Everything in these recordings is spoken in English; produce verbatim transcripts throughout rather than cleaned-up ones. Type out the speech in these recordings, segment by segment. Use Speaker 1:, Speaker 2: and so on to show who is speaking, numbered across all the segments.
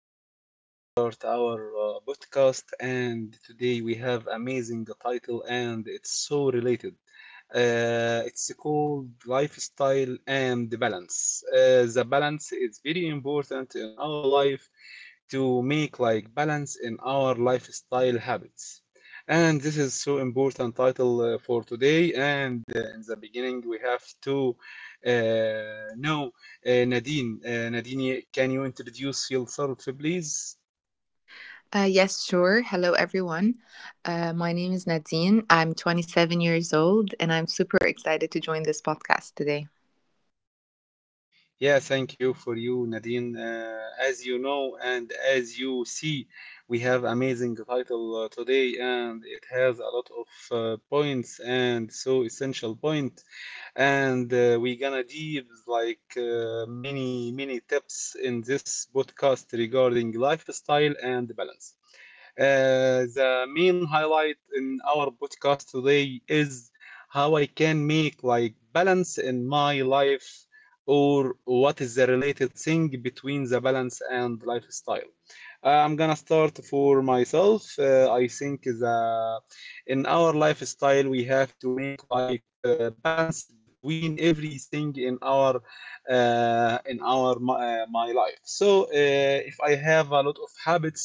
Speaker 1: Today we're gonna start our uh, podcast, and today we have amazing title, and it's so related. Uh, it's called lifestyle and the balance. Uh, the balance is very important in our life to make like balance in our lifestyle habits. And this is so important title uh, for today. And uh, in the beginning, we have to uh, know uh, Nadine, uh, Nadine, can you introduce yourself, please?
Speaker 2: Uh, yes, sure. Hello, everyone. Uh, my name is Nadine. I'm twenty-seven years old, and I'm super excited to join this podcast today.
Speaker 1: Yeah, thank you for you, Nadine. Uh, as you know and as you see, we have amazing title uh, today, and it has a lot of uh, points and so essential point. And uh, we gonna deep like uh, many many tips in this podcast regarding lifestyle and balance. Uh, the main highlight in our podcast today is how I can make like balance in my life or what is the related thing between the balance and lifestyle. Uh, I'm gonna start for myself. Uh, I think the in our lifestyle we have to make like uh, balance between everything in our uh, in our my, uh, my life. So uh, if I have a lot of habits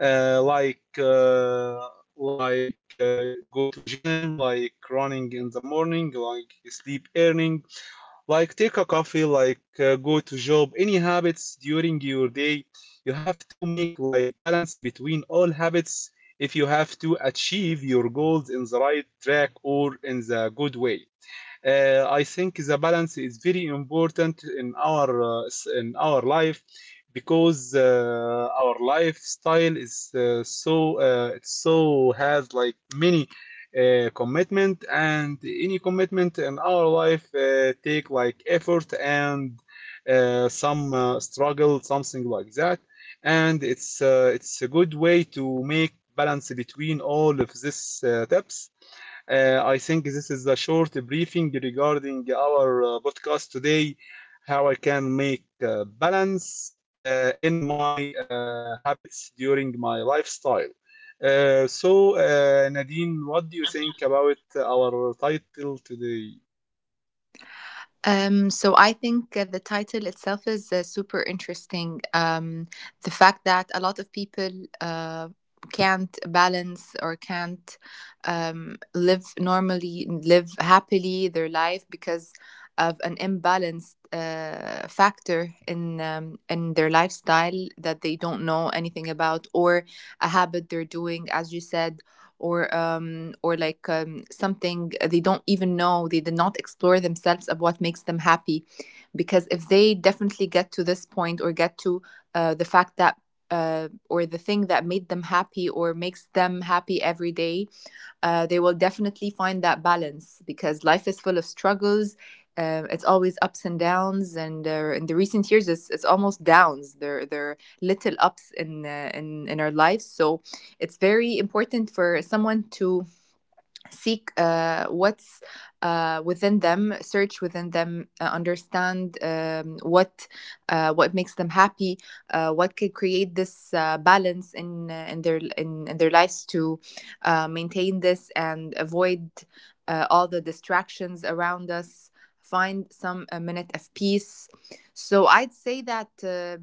Speaker 1: uh, like uh, like uh, go to gym, like running in the morning, like sleep earning, like take a coffee, like uh, go to job. Any habits during your day, you have to make like balance between all habits if you have to achieve your goals in the right track or in the good way. Uh, I think the balance is very important in our uh, in our life because uh, our lifestyle is uh, so uh, it so has like many uh, commitment and any commitment in our life uh, take like effort and uh, some uh, struggle something like that and it's uh, it's a good way to make balance between all of these uh, tips. uh, I think this is a short briefing regarding our uh, podcast today, how I can make uh, balance uh, in my uh, habits during my lifestyle. Uh, so, uh, Nadine, what do you think about our title today?
Speaker 2: Um, so I think uh, the title itself is uh, super interesting. Um, the fact that a lot of people uh, can't balance or can't um, live normally, live happily their life because of an imbalanced uh, factor in um, in their lifestyle that they don't know anything about, or a habit they're doing, as you said, or um, or like um, something they don't even know, they did not explore themselves of what makes them happy. Because if they definitely get to this point or get to uh, the fact that uh, or the thing that made them happy or makes them happy every day, uh, they will definitely find that balance, because life is full of struggles. Uh, it's always ups and downs, and uh, in the recent years it's, it's almost downs. There there are little ups in, uh, in in our lives, so it's very important for someone to seek uh, what's uh, within them, search within them, uh, understand um, what uh, what makes them happy, uh, what can create this uh, balance in uh, in their in, in their lives to uh, maintain this and avoid uh, all the distractions around us. Find some a minute of peace. So I'd say that. Uh,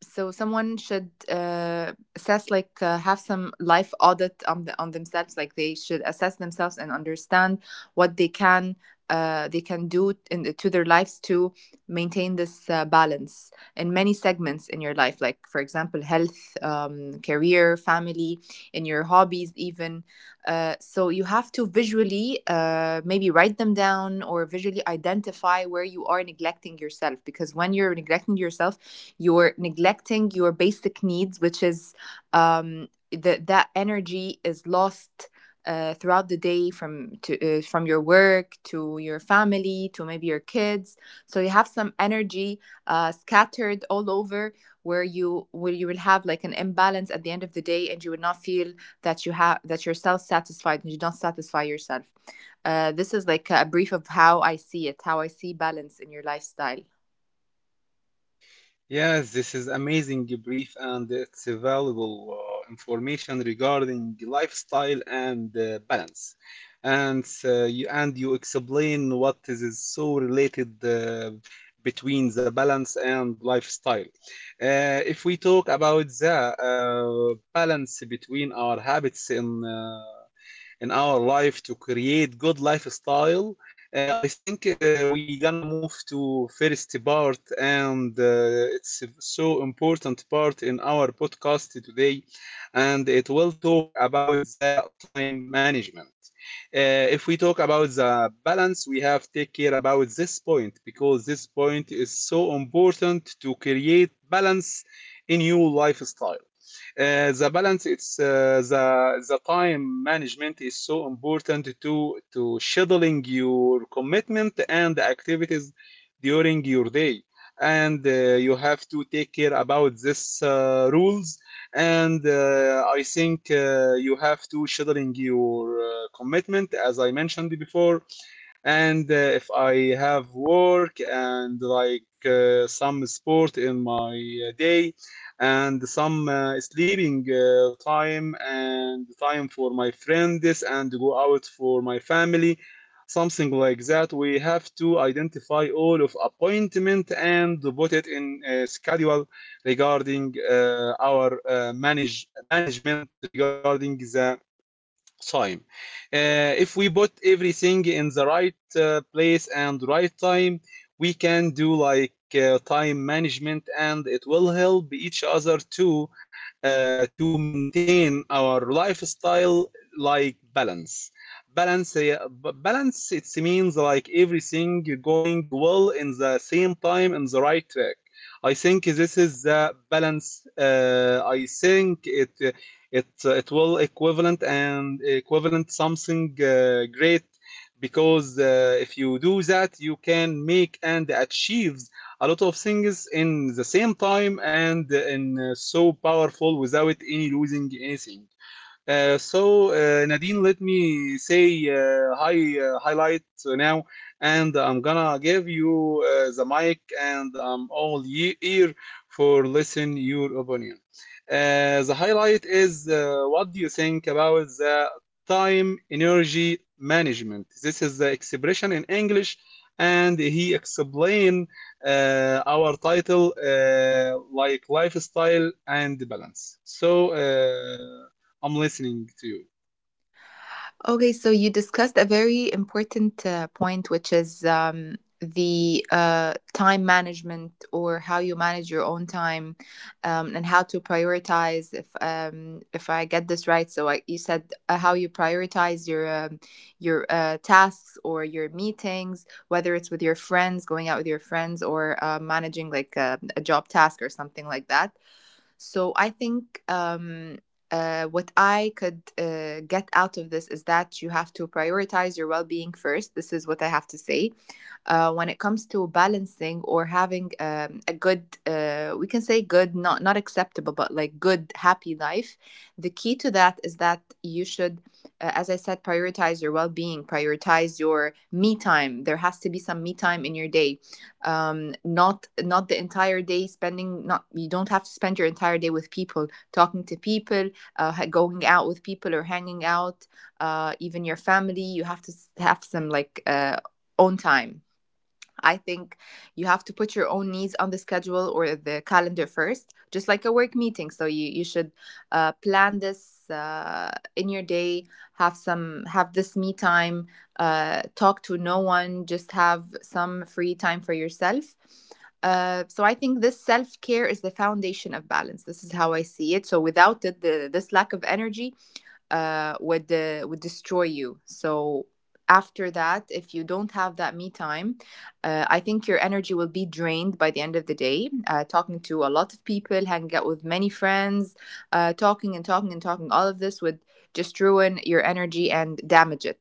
Speaker 2: so someone should uh, assess, like uh, have some life audit on the, on themselves. Like, they should assess themselves and understand what they can uh, they can do in, to their lives to maintain this uh, balance in many segments in your life, like for example health, um, career, family, in your hobbies even. Uh, so you have to visually uh, maybe write them down or visually identify where you are neglecting yourself, because when you're neglecting yourself, you're neglecting your basic needs, which is um, that that energy is lost uh, throughout the day, from to uh, from your work to your family to maybe your kids. So you have some energy uh, scattered all over, where you where you will have like an imbalance at the end of the day, and you will not feel that you have that you're self-satisfied and you don't satisfy yourself. Uh, this is like a brief of how I see it, how I see balance in your lifestyle.
Speaker 1: Yes, this is amazing brief and it's a valuable uh, information regarding lifestyle and uh, balance. And uh, you and you explain what is so related uh, between the balance and lifestyle. Uh, if we talk about the uh, balance between our habits in uh, in our life to create good lifestyle, uh, I think uh, we gonna move to first part, and uh, it's a so important part in our podcast today, and it will talk about the time management. Uh, if we talk about the balance, we have take care about this point because this point is so important to create balance in your lifestyle. Uh, the balance it's uh, the the time management is so important to to scheduling your commitment and activities during your day and uh, you have to take care about this uh, rules and uh, i think uh, you have to scheduling your uh, commitment as I mentioned before, and uh, if I have work and like uh, some sport in my uh, day and some uh, sleeping uh, time and time for my friends and go out for my family something like that. We have to identify all of appointment and put it in a schedule regarding uh, our uh, manage management regarding the time. Uh, if we put everything in the right uh, place and right time, we can do like uh, time management, and it will help each other to uh, to maintain our lifestyle like balance. Balance, uh, balance. It means like everything going well in the same time in the right track. I think this is the balance. Uh, I think it. uh, it uh, it will equivalent and equivalent something uh, great because uh, if you do that you can make and achieve a lot of things in the same time and in uh, so powerful without any losing anything. Uh, so, uh, Nadine, let me say uh, hi, uh, highlight now, and I'm gonna give you uh, the mic, and I'm all ye ear for listen your opinion. Uh, the highlight is uh, what do you think about the time energy management? This is the expression in English, and he explain uh, our title uh, like lifestyle and balance. So. Uh, I'm listening to you.
Speaker 2: Okay, so you discussed a very important uh, point, which is um, the uh, time management, or how you manage your own time, um, and how to prioritize. If um, if I get this right, so I, you said uh, how you prioritize your um, your uh, tasks or your meetings, whether it's with your friends, going out with your friends, or uh, managing like a, a job task or something like that. So I think um, uh, what I could uh, get out of this is that you have to prioritize your well being first. This is what I have to say uh, when it comes to balancing or having um, a good, uh, we can say good, not not acceptable, but like good, happy life. The key to that is that you should, uh, as I said, prioritize your well being, prioritize your me time. There has to be some me time in your day. Um, not not the entire day spending. Not, you don't have to spend your entire day with people, talking to people, uh, going out with people or hanging out. Uh, even your family, you have to have some like uh, own time. I think you have to put your own needs on the schedule or the calendar first, just like a work meeting. So you you should uh, plan this uh, in your day. Have some have this me time. Uh, talk to no one. Just have some free time for yourself. Uh, so I think this self care is the foundation of balance. This is how I see it. So without it, the, this lack of energy uh, would uh, would destroy you. So after that, if you don't have that me time, uh, I think your energy will be drained by the end of the day. Uh, talking to a lot of people, hanging out with many friends, uh, talking and talking and talking, all of this would just ruin your energy and damage it.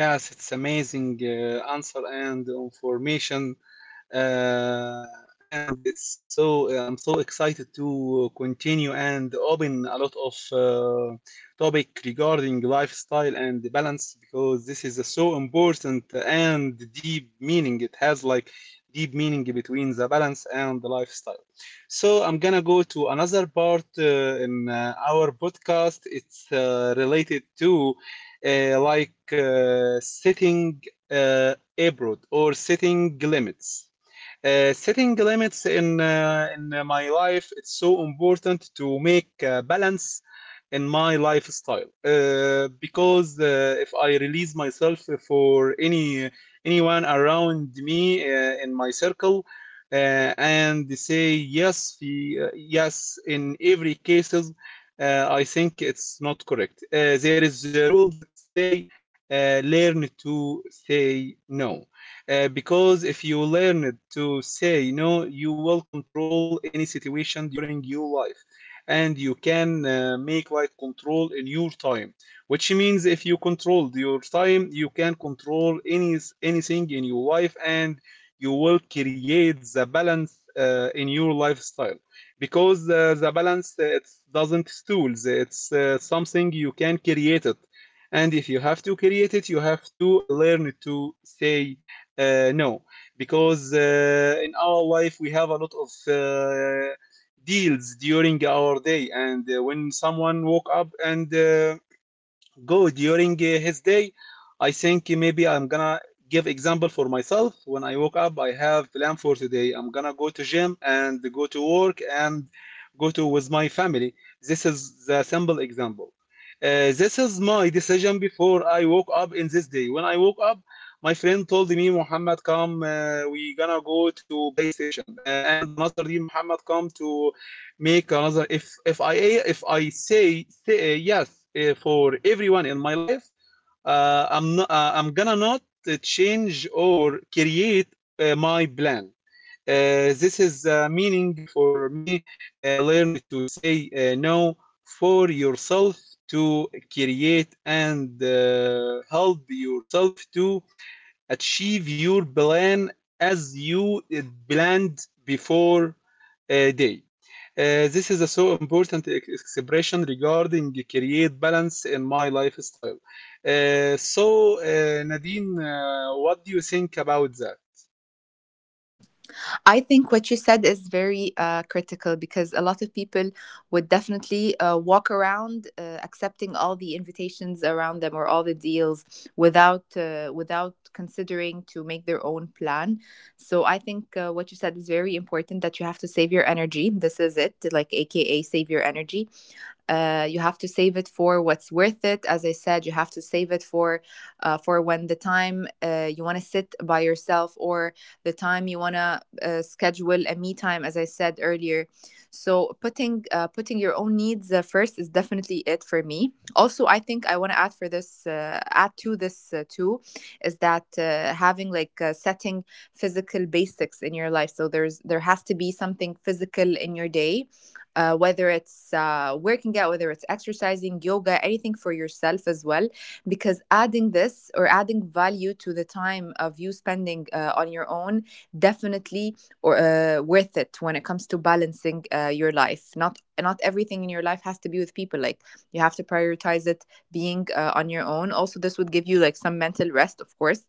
Speaker 1: Yes, it's amazing uh, answer and information. uh, and it's so I'm so excited to continue and open a lot of uh, topic regarding lifestyle and the balance because this is a so important and deep meaning. It has like deep meaning between the balance and the lifestyle. So I'm gonna go to another part uh, in uh, our podcast. It's uh, related to uh, like uh, setting uh, abroad or setting limits. Uh, setting limits in uh, in uh, my life it's so important to make uh, balance in my lifestyle uh, because uh, if I release myself for any anyone around me uh, in my circle uh, and they say yes في, uh, yes in every cases. uh, I think it's not correct. Uh, there is a rule that say uh, learn to say no uh, because if you learn to say no, you will control any situation during your life and you can uh, make like control in your time, which means if you control your time you can control any anything in your life and you will create the balance uh, in your lifestyle because uh, the balance uh, it doesn't stools it's uh, something you can create it. And if you have to create it you have to uh, learn to say uh, no, because uh, in our life we have a lot of uh, deals during our day, and uh, when someone woke up and uh, go during uh, his day. I think maybe I'm gonna give example for myself. When I woke up I have plan for today, I'm gonna go to gym and go to work and go to with my family. This is the simple example. Uh, this is my decision before I woke up in this day. When I woke up, my friend told me, Muhammad, come, uh, we gonna go to PlayStation. Uh, and another day, Muhammad, come to make another. If if i if i say say uh, yes uh, for everyone in my life, uh, i'm not uh, I'm gonna not uh, change or create uh, my plan. Uh, this is uh, meaning for me. Uh, learn to say uh, no for yourself to create and uh, help yourself to achieve your plan as you uh, planned before a day. Uh, this is a so important ex- expression regarding create balance in my lifestyle. Uh, so, uh, Nadine, uh, what do you think about that?
Speaker 2: I think what you said is very uh, critical, because a lot of people would definitely uh, walk around uh, accepting all the invitations around them or all the deals without uh, without considering to make their own plan. So I think uh, what you said is very important, that you have to save your energy. This is it, like A K A save your energy. Uh, you have to save it for what's worth it. As I said, you have to save it for uh, for when the time uh, you want to sit by yourself, or the time you want to uh, schedule a me time, as I said earlier. So putting uh, putting your own needs uh, first is definitely it for me. Also, I think I want to add for this uh, add to this uh, too, is that uh, having like uh, setting physical basics in your life. So there's there has to be something physical in your day, uh, whether it's uh, working out, whether it's exercising, yoga, anything for yourself as well. Because adding this or adding value to the time of you spending uh, on your own, definitely or uh, worth it when it comes to balancing uh, your life. Not not everything in your life has to be with people. Like, you have to prioritize it, being uh, on your own also. This would give you like some mental rest, of course,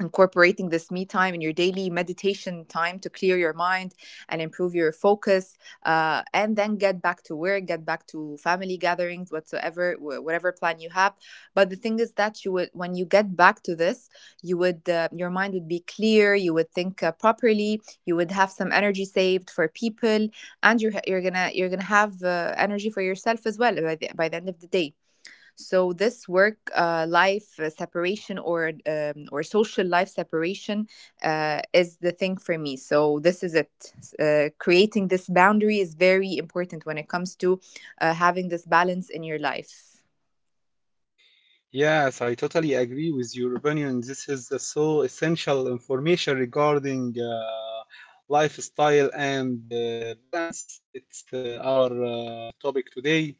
Speaker 2: incorporating this me time in your daily meditation time to clear your mind and improve your focus uh, and then get back to work, get back to family gatherings, whatsoever, wh- whatever plan you have. But the thing is that you would, when you get back to this, you would, uh, your mind would be clear, you would think uh, properly, you would have some energy saved for people, and you're, you're gonna you're gonna have uh, energy for yourself as well by the, by the end of the day. So this work uh, life uh, separation, or um, or social life separation, uh, is the thing for me. So this is it. S- Uh, creating this boundary is very important when it comes to uh, having this balance in your life.
Speaker 1: Yes, I totally agree with your opinion. This is the so essential information regarding uh, lifestyle and uh, balance. It's uh, our uh, topic today,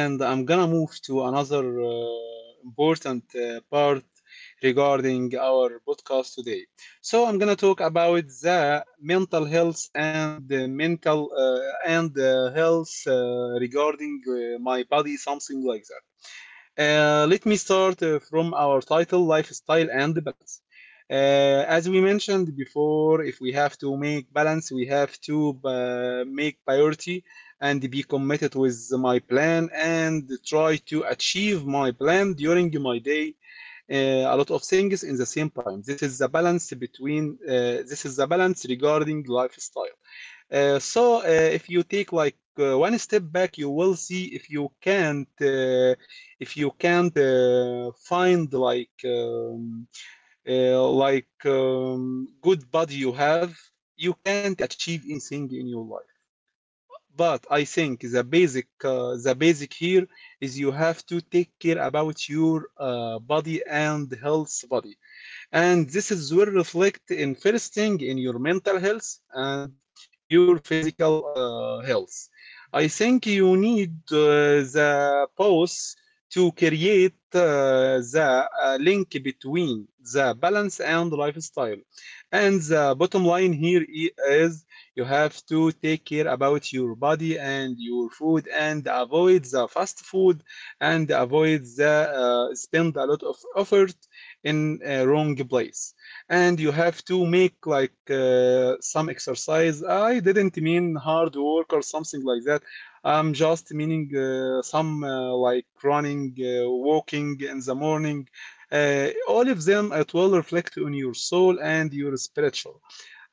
Speaker 1: and I'm gonna move to another uh, important uh, part regarding our podcast today. So I'm gonna talk about the mental health and the mental uh, and uh, health uh, regarding uh, my body, something like that. Uh, let me start uh, from our title lifestyle and balance. Uh, as we mentioned before, if we have to make balance, we have to uh, make priority and be committed with my plan and try to achieve my plan during my day. Uh, a lot of things in the same time. This is the balance between. Uh, this is the balance regarding lifestyle. Uh, so uh, if you take like uh, one step back, you will see if you can't uh, if you can't uh, find like um, uh, like um, good body you have, you can't achieve anything in your life. But I think the basic uh, the basic here is you have to take care about your uh, body and health body, and this is will reflect in first thing in your mental health and your physical uh, health. I think you need uh, the pause to create uh, the uh, link between the balance and lifestyle, and the bottom line here is you have to take care about your body and your food and avoid the fast food and avoid the uh, spend a lot of effort in a wrong place, and you have to make like uh, some exercise. I didn't mean hard work or something like that. I'm just meaning uh, some uh, like running uh, walking in the morning. Uh, all of them it will reflect on your soul and your spiritual.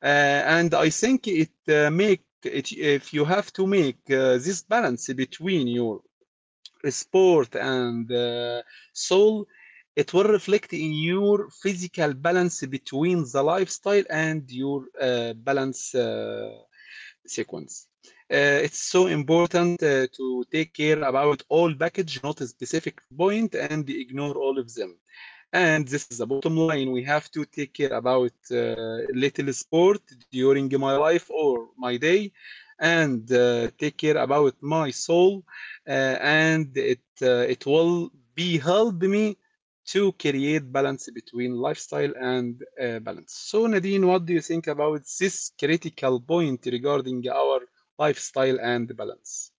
Speaker 1: Uh, and i think it uh, make it if you have to make uh, this balance between your sport and uh, soul, it will reflect in your physical balance between the lifestyle and your uh, balance uh, sequence. Uh, it's so important uh, to take care about all package, not a specific point and ignore all of them. And this is the bottom line. We have to take care about uh, little sport during my life or my day, and uh, take care about my soul, uh, and it uh, it will be help me to create balance between lifestyle and uh, balance. So Nadine, what do you think about this critical point regarding our lifestyle and balance?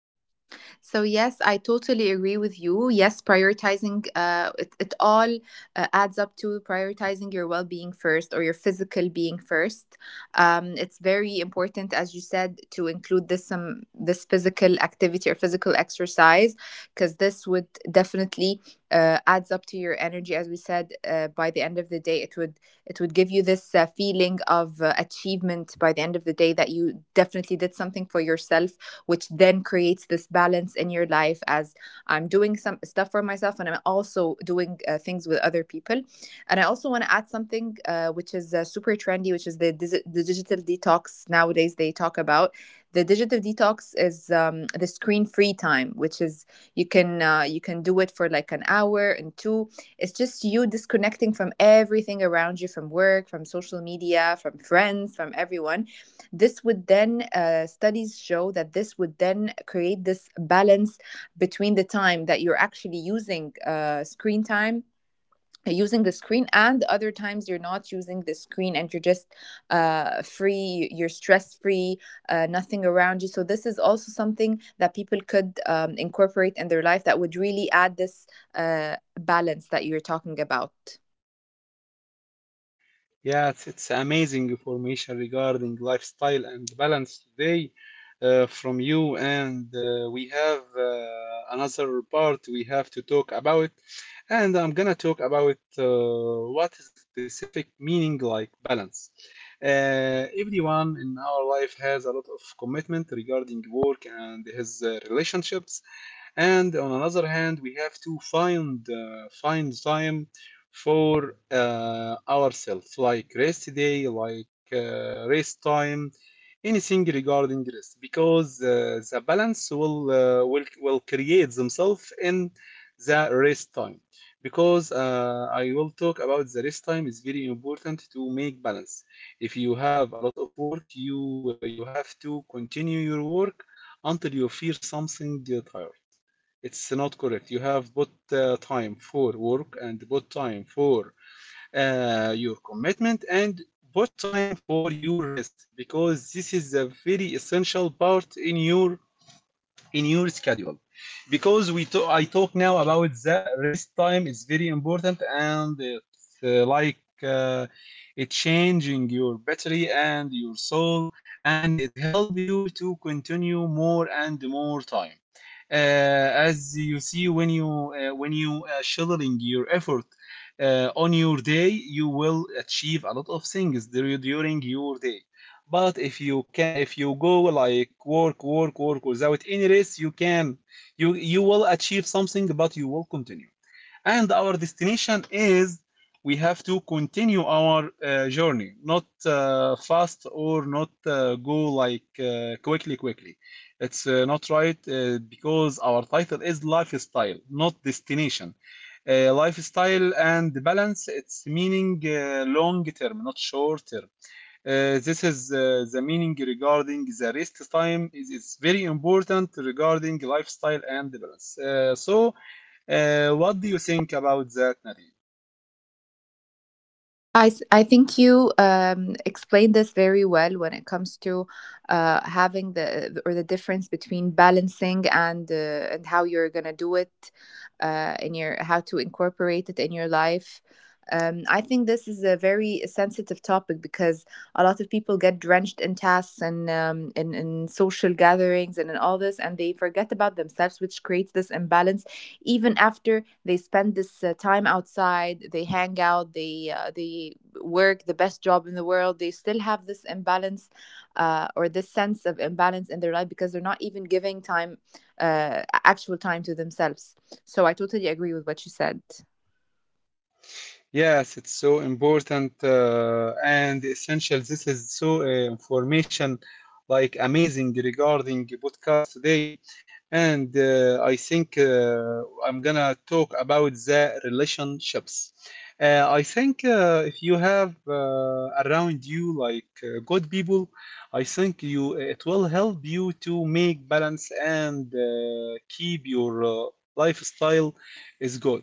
Speaker 2: So, yes, I totally agree with you. Yes, prioritizing uh, it, it all uh, adds up to prioritizing your well being first, or your physical being first. Um, it's very important, as you said, to include this some this physical activity or physical exercise, because this would definitely uh, adds up to your energy. As we said, uh, by the end of the day, it would, it would give you this uh, feeling of uh, achievement by the end of the day, that you definitely did something for yourself, which then creates this balance in your life, as I'm doing some stuff for myself and I'm also doing uh, things with other people. And I also want to add something uh, which is uh, super trendy, which is the, dis- the digital detox nowadays they talk about. The digital detox is um, the screen free time, which is you can uh, you can do it for like an hour and two. It's just you disconnecting from everything around you, from work, from social media, from friends, from everyone. This would then, uh, studies show that this would then create this balance between the time that you're actually using uh, screen time. Using the screen, and other times you're not using the screen and you're just uh, free, you're stress free, uh, nothing around you. So, this is also something that people could um, incorporate in their life that would really add this uh, balance that you're talking about.
Speaker 1: Yeah, it's, it's amazing information regarding lifestyle and balance today uh, from you. And uh, we have uh, another part we have to talk about. And I'm gonna talk about uh, what is a specific meaning like balance. Uh, everyone in our life has a lot of commitment regarding work and his uh, relationships, and on another hand we have to find uh, find time for uh, ourselves, like rest day, like uh, rest time, anything regarding rest, because uh, the balance will, uh, will will create themselves in the rest time, because uh, I will talk about the rest time is very important to make balance. If you have a lot of work, you uh, you have to continue your work until you feel something tired. It's not correct. You have put uh, time for work and put time for uh, your commitment, and put time for your rest, because this is a very essential part in your in your schedule, because we to- I talk now about the rest time is very important, and it's uh, like uh, it changing your battery and your soul, and it help you to continue more and more time. Uh, as you see, when you uh, when you uh, scheduling your effort uh, on your day, you will achieve a lot of things during your day. But if you can, if you go like work, work, work without any rest, you can, you you will achieve something, but you will continue. And our destination is we have to continue our uh, journey, not uh, fast, or not uh, go like uh, quickly, quickly. It's uh, not right, uh, because our title is lifestyle, not destination. Uh, lifestyle and balance, it's meaning uh, long term, not short term. Uh, this is uh, the meaning regarding the rest time, it's very important regarding lifestyle and balance. Uh, so, uh, what do you think about that, Nadia?
Speaker 2: I th- I think you um, explained this very well when it comes to uh, having the or the difference between balancing and uh, and how you're gonna do it uh, in your, how to incorporate it in your life. Um, I think this is a very sensitive topic because a lot of people get drenched in tasks and um, in, in social gatherings and in all this, and they forget about themselves, which creates this imbalance even after they spend this uh, time outside, they hang out, they uh, they work the best job in the world, they still have this imbalance, uh, or this sense of imbalance in their life because they're not even giving time, uh, actual time to themselves. So I totally agree with what you said.
Speaker 1: Yes, it's so important uh, and essential. This is so uh, information like amazing regarding podcast today. And uh, I think uh, I'm gonna talk about the relationships. Uh, I think uh, if you have uh, around you like uh, good people, I think you it will help you to make balance and uh, keep your uh, lifestyle is good,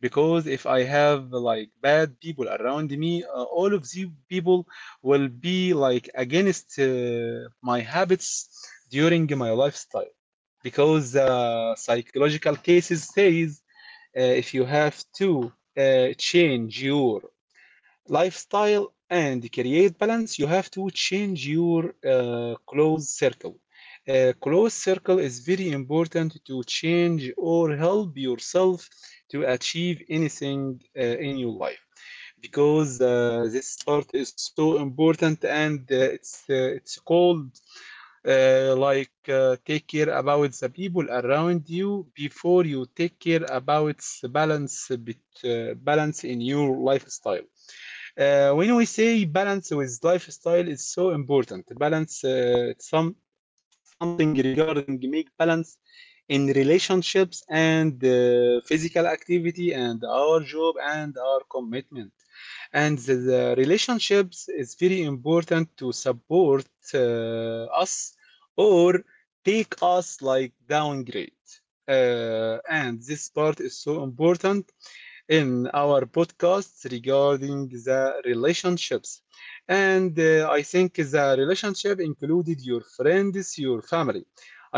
Speaker 1: because if I have like bad people around me, uh, all of these people will be like against uh, my habits during my lifestyle. Because uh, psychological cases says uh, if you have to uh, change your lifestyle and create balance, you have to change your uh, close circle. Uh, close circle is very important to change or help yourself to achieve anything uh, in your life, because uh, this part is so important, and uh, it's uh, it's called uh, like uh, take care about the people around you before you take care about the balance bit, uh, balance in your lifestyle. Uh, when we say balance with lifestyle, it's so important. Balance, uh, some something regarding make balance in relationships and uh, physical activity and our job and our commitment. And the, the relationships is very important to support uh, us or take us like downgrade. Uh, and this part is so important in our podcasts regarding the relationships. And uh, I think the relationship included your friends, your family.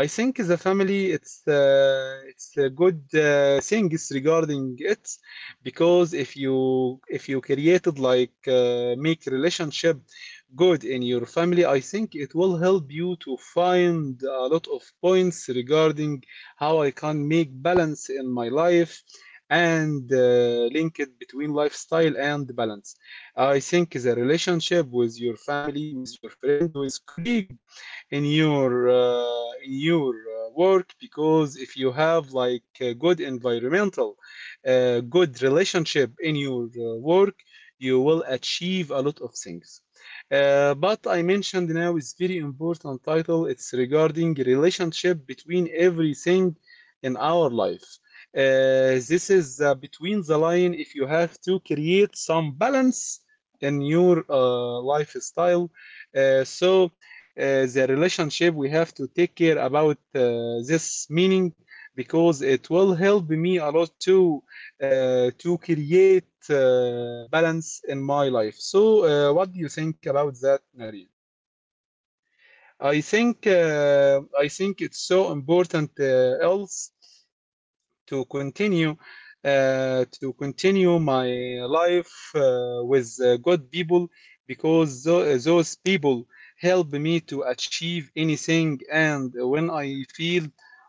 Speaker 1: I think the family it's uh, it's a good uh, things regarding it, because if you if you created like uh, make relationship good in your family, I think it will help you to find a lot of points regarding how I can make balance in my life, and uh, link it between lifestyle and balance. I think the relationship with your family, with your friend, with colleague in your uh, in your uh, work, because if you have like a good environmental uh, good relationship in your uh, work, you will achieve a lot of things. Uh, but I mentioned now is very important title, it's regarding relationship between everything in our life. Uh, this is uh, between the line, if you have to create some balance in your uh, lifestyle. uh, so uh, the relationship, we have to take care about uh, this meaning, because it will help me a lot to uh, to create uh, balance in my life. So uh, what do you think about that, Narin? I think uh, I think it's so important uh, else to continue uh, to continue my life uh, with uh, good people, because those people help me to achieve anything, and when I feel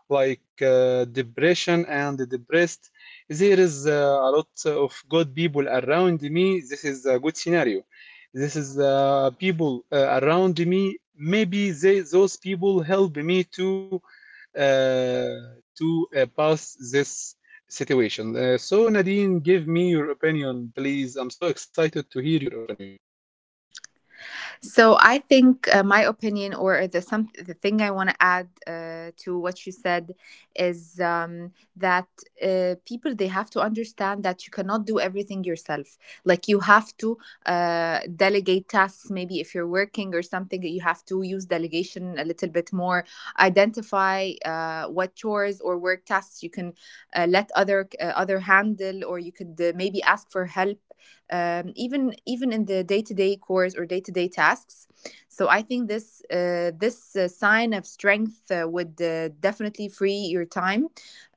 Speaker 1: like uh, depression and depressed, there is uh, a lot of good people around me. This is a good scenario. This is uh, people uh, around me, maybe they, those people help me to uh to uh, pass this situation. Uh, so, Nadine, give me your opinion, please. I'm so excited to hear your opinion.
Speaker 2: So I think uh, my opinion, or the some the thing I want to add uh, to what you said, is um, that uh, people, they have to understand that you cannot do everything yourself. Like, you have to uh, delegate tasks. Maybe if you're working or something, you have to use delegation a little bit more. Identify uh, what chores or work tasks you can uh, let other uh, other handle, or you could uh, maybe ask for help, um, even even in the day-to-day chores or day-to-day tasks. So I think this uh, this uh, sign of strength uh, would uh, definitely free your time,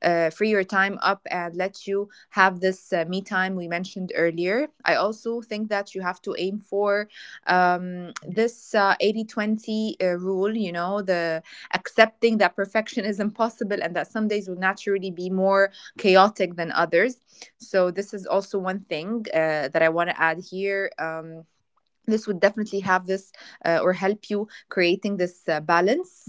Speaker 2: uh, free your time up and let you have this uh, me time we mentioned earlier. I also think that you have to aim for um, this uh, eighty twenty uh, rule, you know, the accepting that perfection is impossible and that some days will naturally be more chaotic than others. So this is also one thing uh, that I want to add here. Um, this would definitely have this, uh, or help you creating this uh, balance.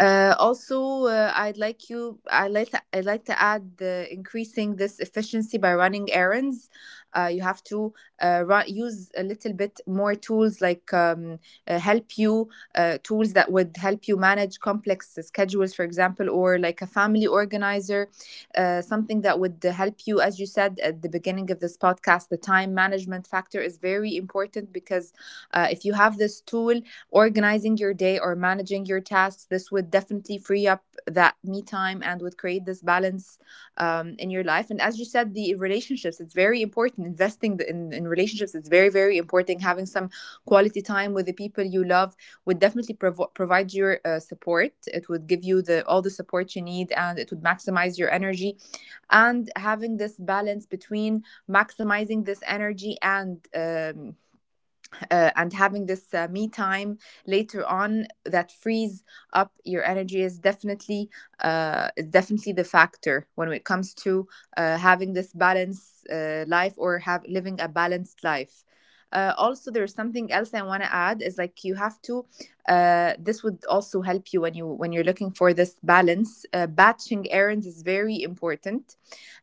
Speaker 2: uh, also, uh, I'd like you. I like. To- I'd like to add the increasing this efficiency by running errands. Uh, you have to uh, run, use a little bit more tools, like um, uh, help you uh, tools that would help you manage complex schedules, for example, or like a family organizer, uh, something that would help you. As you said at the beginning of this podcast, the time management factor is very important because uh, if you have this tool organizing your day or managing your tasks, this would definitely free up that me time and would create this balance um, in your life. And as you said, the relationships, it's very important. Investing in, in relationships, it's very, very important. Having some quality time with the people you love would definitely provo- provide your uh, support, it would give you the all the support you need, and it would maximize your energy. And having this balance between maximizing this energy and um, uh, and having this uh, me time later on that frees up your energy is definitely, uh, is definitely the factor when it comes to uh, having this balanced uh, life, or have living a balanced life. Uh, also, there's something else I want to add is like you have to. Uh, this would also help you when you when you're looking for this balance. Uh, batching errands is very important.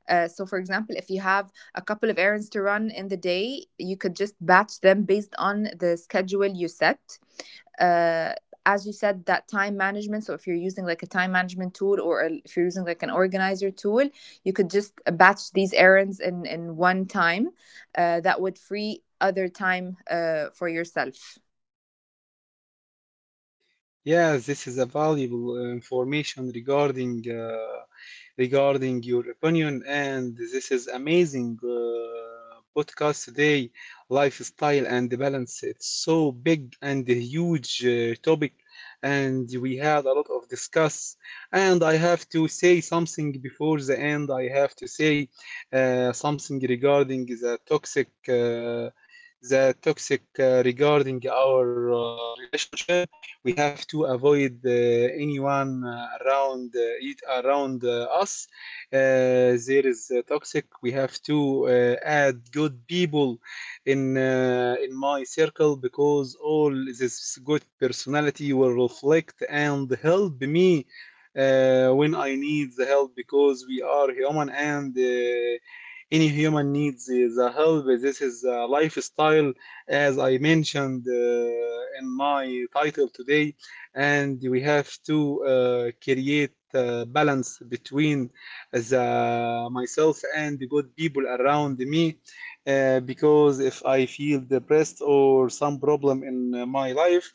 Speaker 2: uh, So, for example, if you have a couple of errands to run in the day, you could just batch them based on the schedule you set. Uh, as you said, that time management. So, if you're using like a time management tool or if you're using like an organizer tool, you could just batch these errands in, in one time. Uh, that would free other time uh, for yourself.
Speaker 1: Yeah, this is a valuable uh, information regarding uh, regarding your opinion. And this is amazing uh, podcast today, lifestyle and balance. It's so big and huge uh, topic, and we had a lot of discuss. And I have to say something before the end. I have to say uh, something regarding the toxic. Uh, the toxic uh, regarding our uh, relationship, we have to avoid uh, anyone uh, around uh, it around uh, us. Uh, there is uh, toxic, we have to uh, add good people in uh, in my circle, because all this good personality will reflect and help me uh, when I need the help, because we are human and uh, any human needs the help. This is a lifestyle, as I mentioned uh, in my title today, and we have to uh, create uh, balance between the myself and the good people around me. Uh, because if I feel depressed or some problem in uh, my life,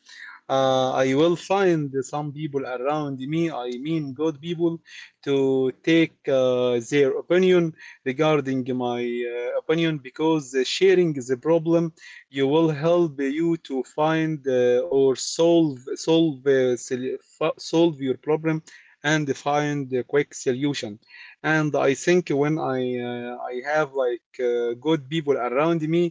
Speaker 1: uh, I will find some people around me, I mean good people, to take uh, their opinion regarding my uh, opinion, because sharing the problem you will help you to find uh, or solve solve uh, sol- fo- solve your problem and find a quick solution. And I think when I uh, I have like uh, good people around me,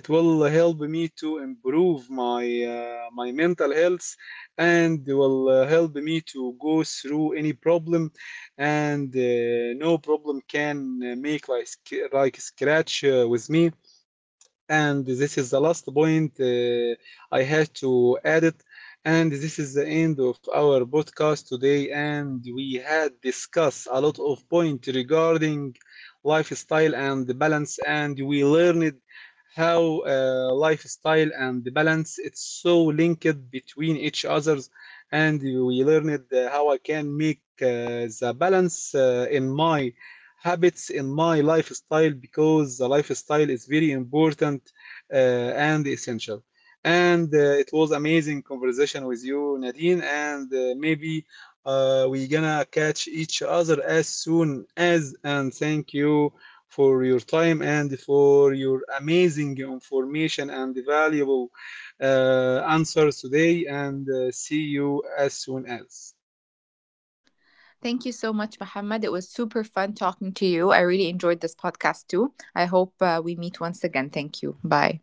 Speaker 1: it will help me to improve my uh, my mental health, and will uh, help me to go through any problem, and uh, no problem can uh, make like sc- like scratch uh, with me. And this is the last point uh, I have to add it. And this is the end of our podcast today, and we had discussed a lot of points regarding lifestyle and balance, and we learned how uh, lifestyle and balance it's so linked between each others, and we learned uh, how I can make uh, the balance uh, in my habits in my lifestyle, because the lifestyle is very important uh, and essential. And uh, it was amazing conversation with you, Nadine, and uh, maybe uh, we gonna catch each other as soon as. And thank you for your time and for your amazing information and valuable uh, answers today. And uh, see you as soon as.
Speaker 2: Thank you so much, Mohammed. It was super fun talking to you. I really enjoyed this podcast too. I hope uh, we meet once again. Thank you. Bye.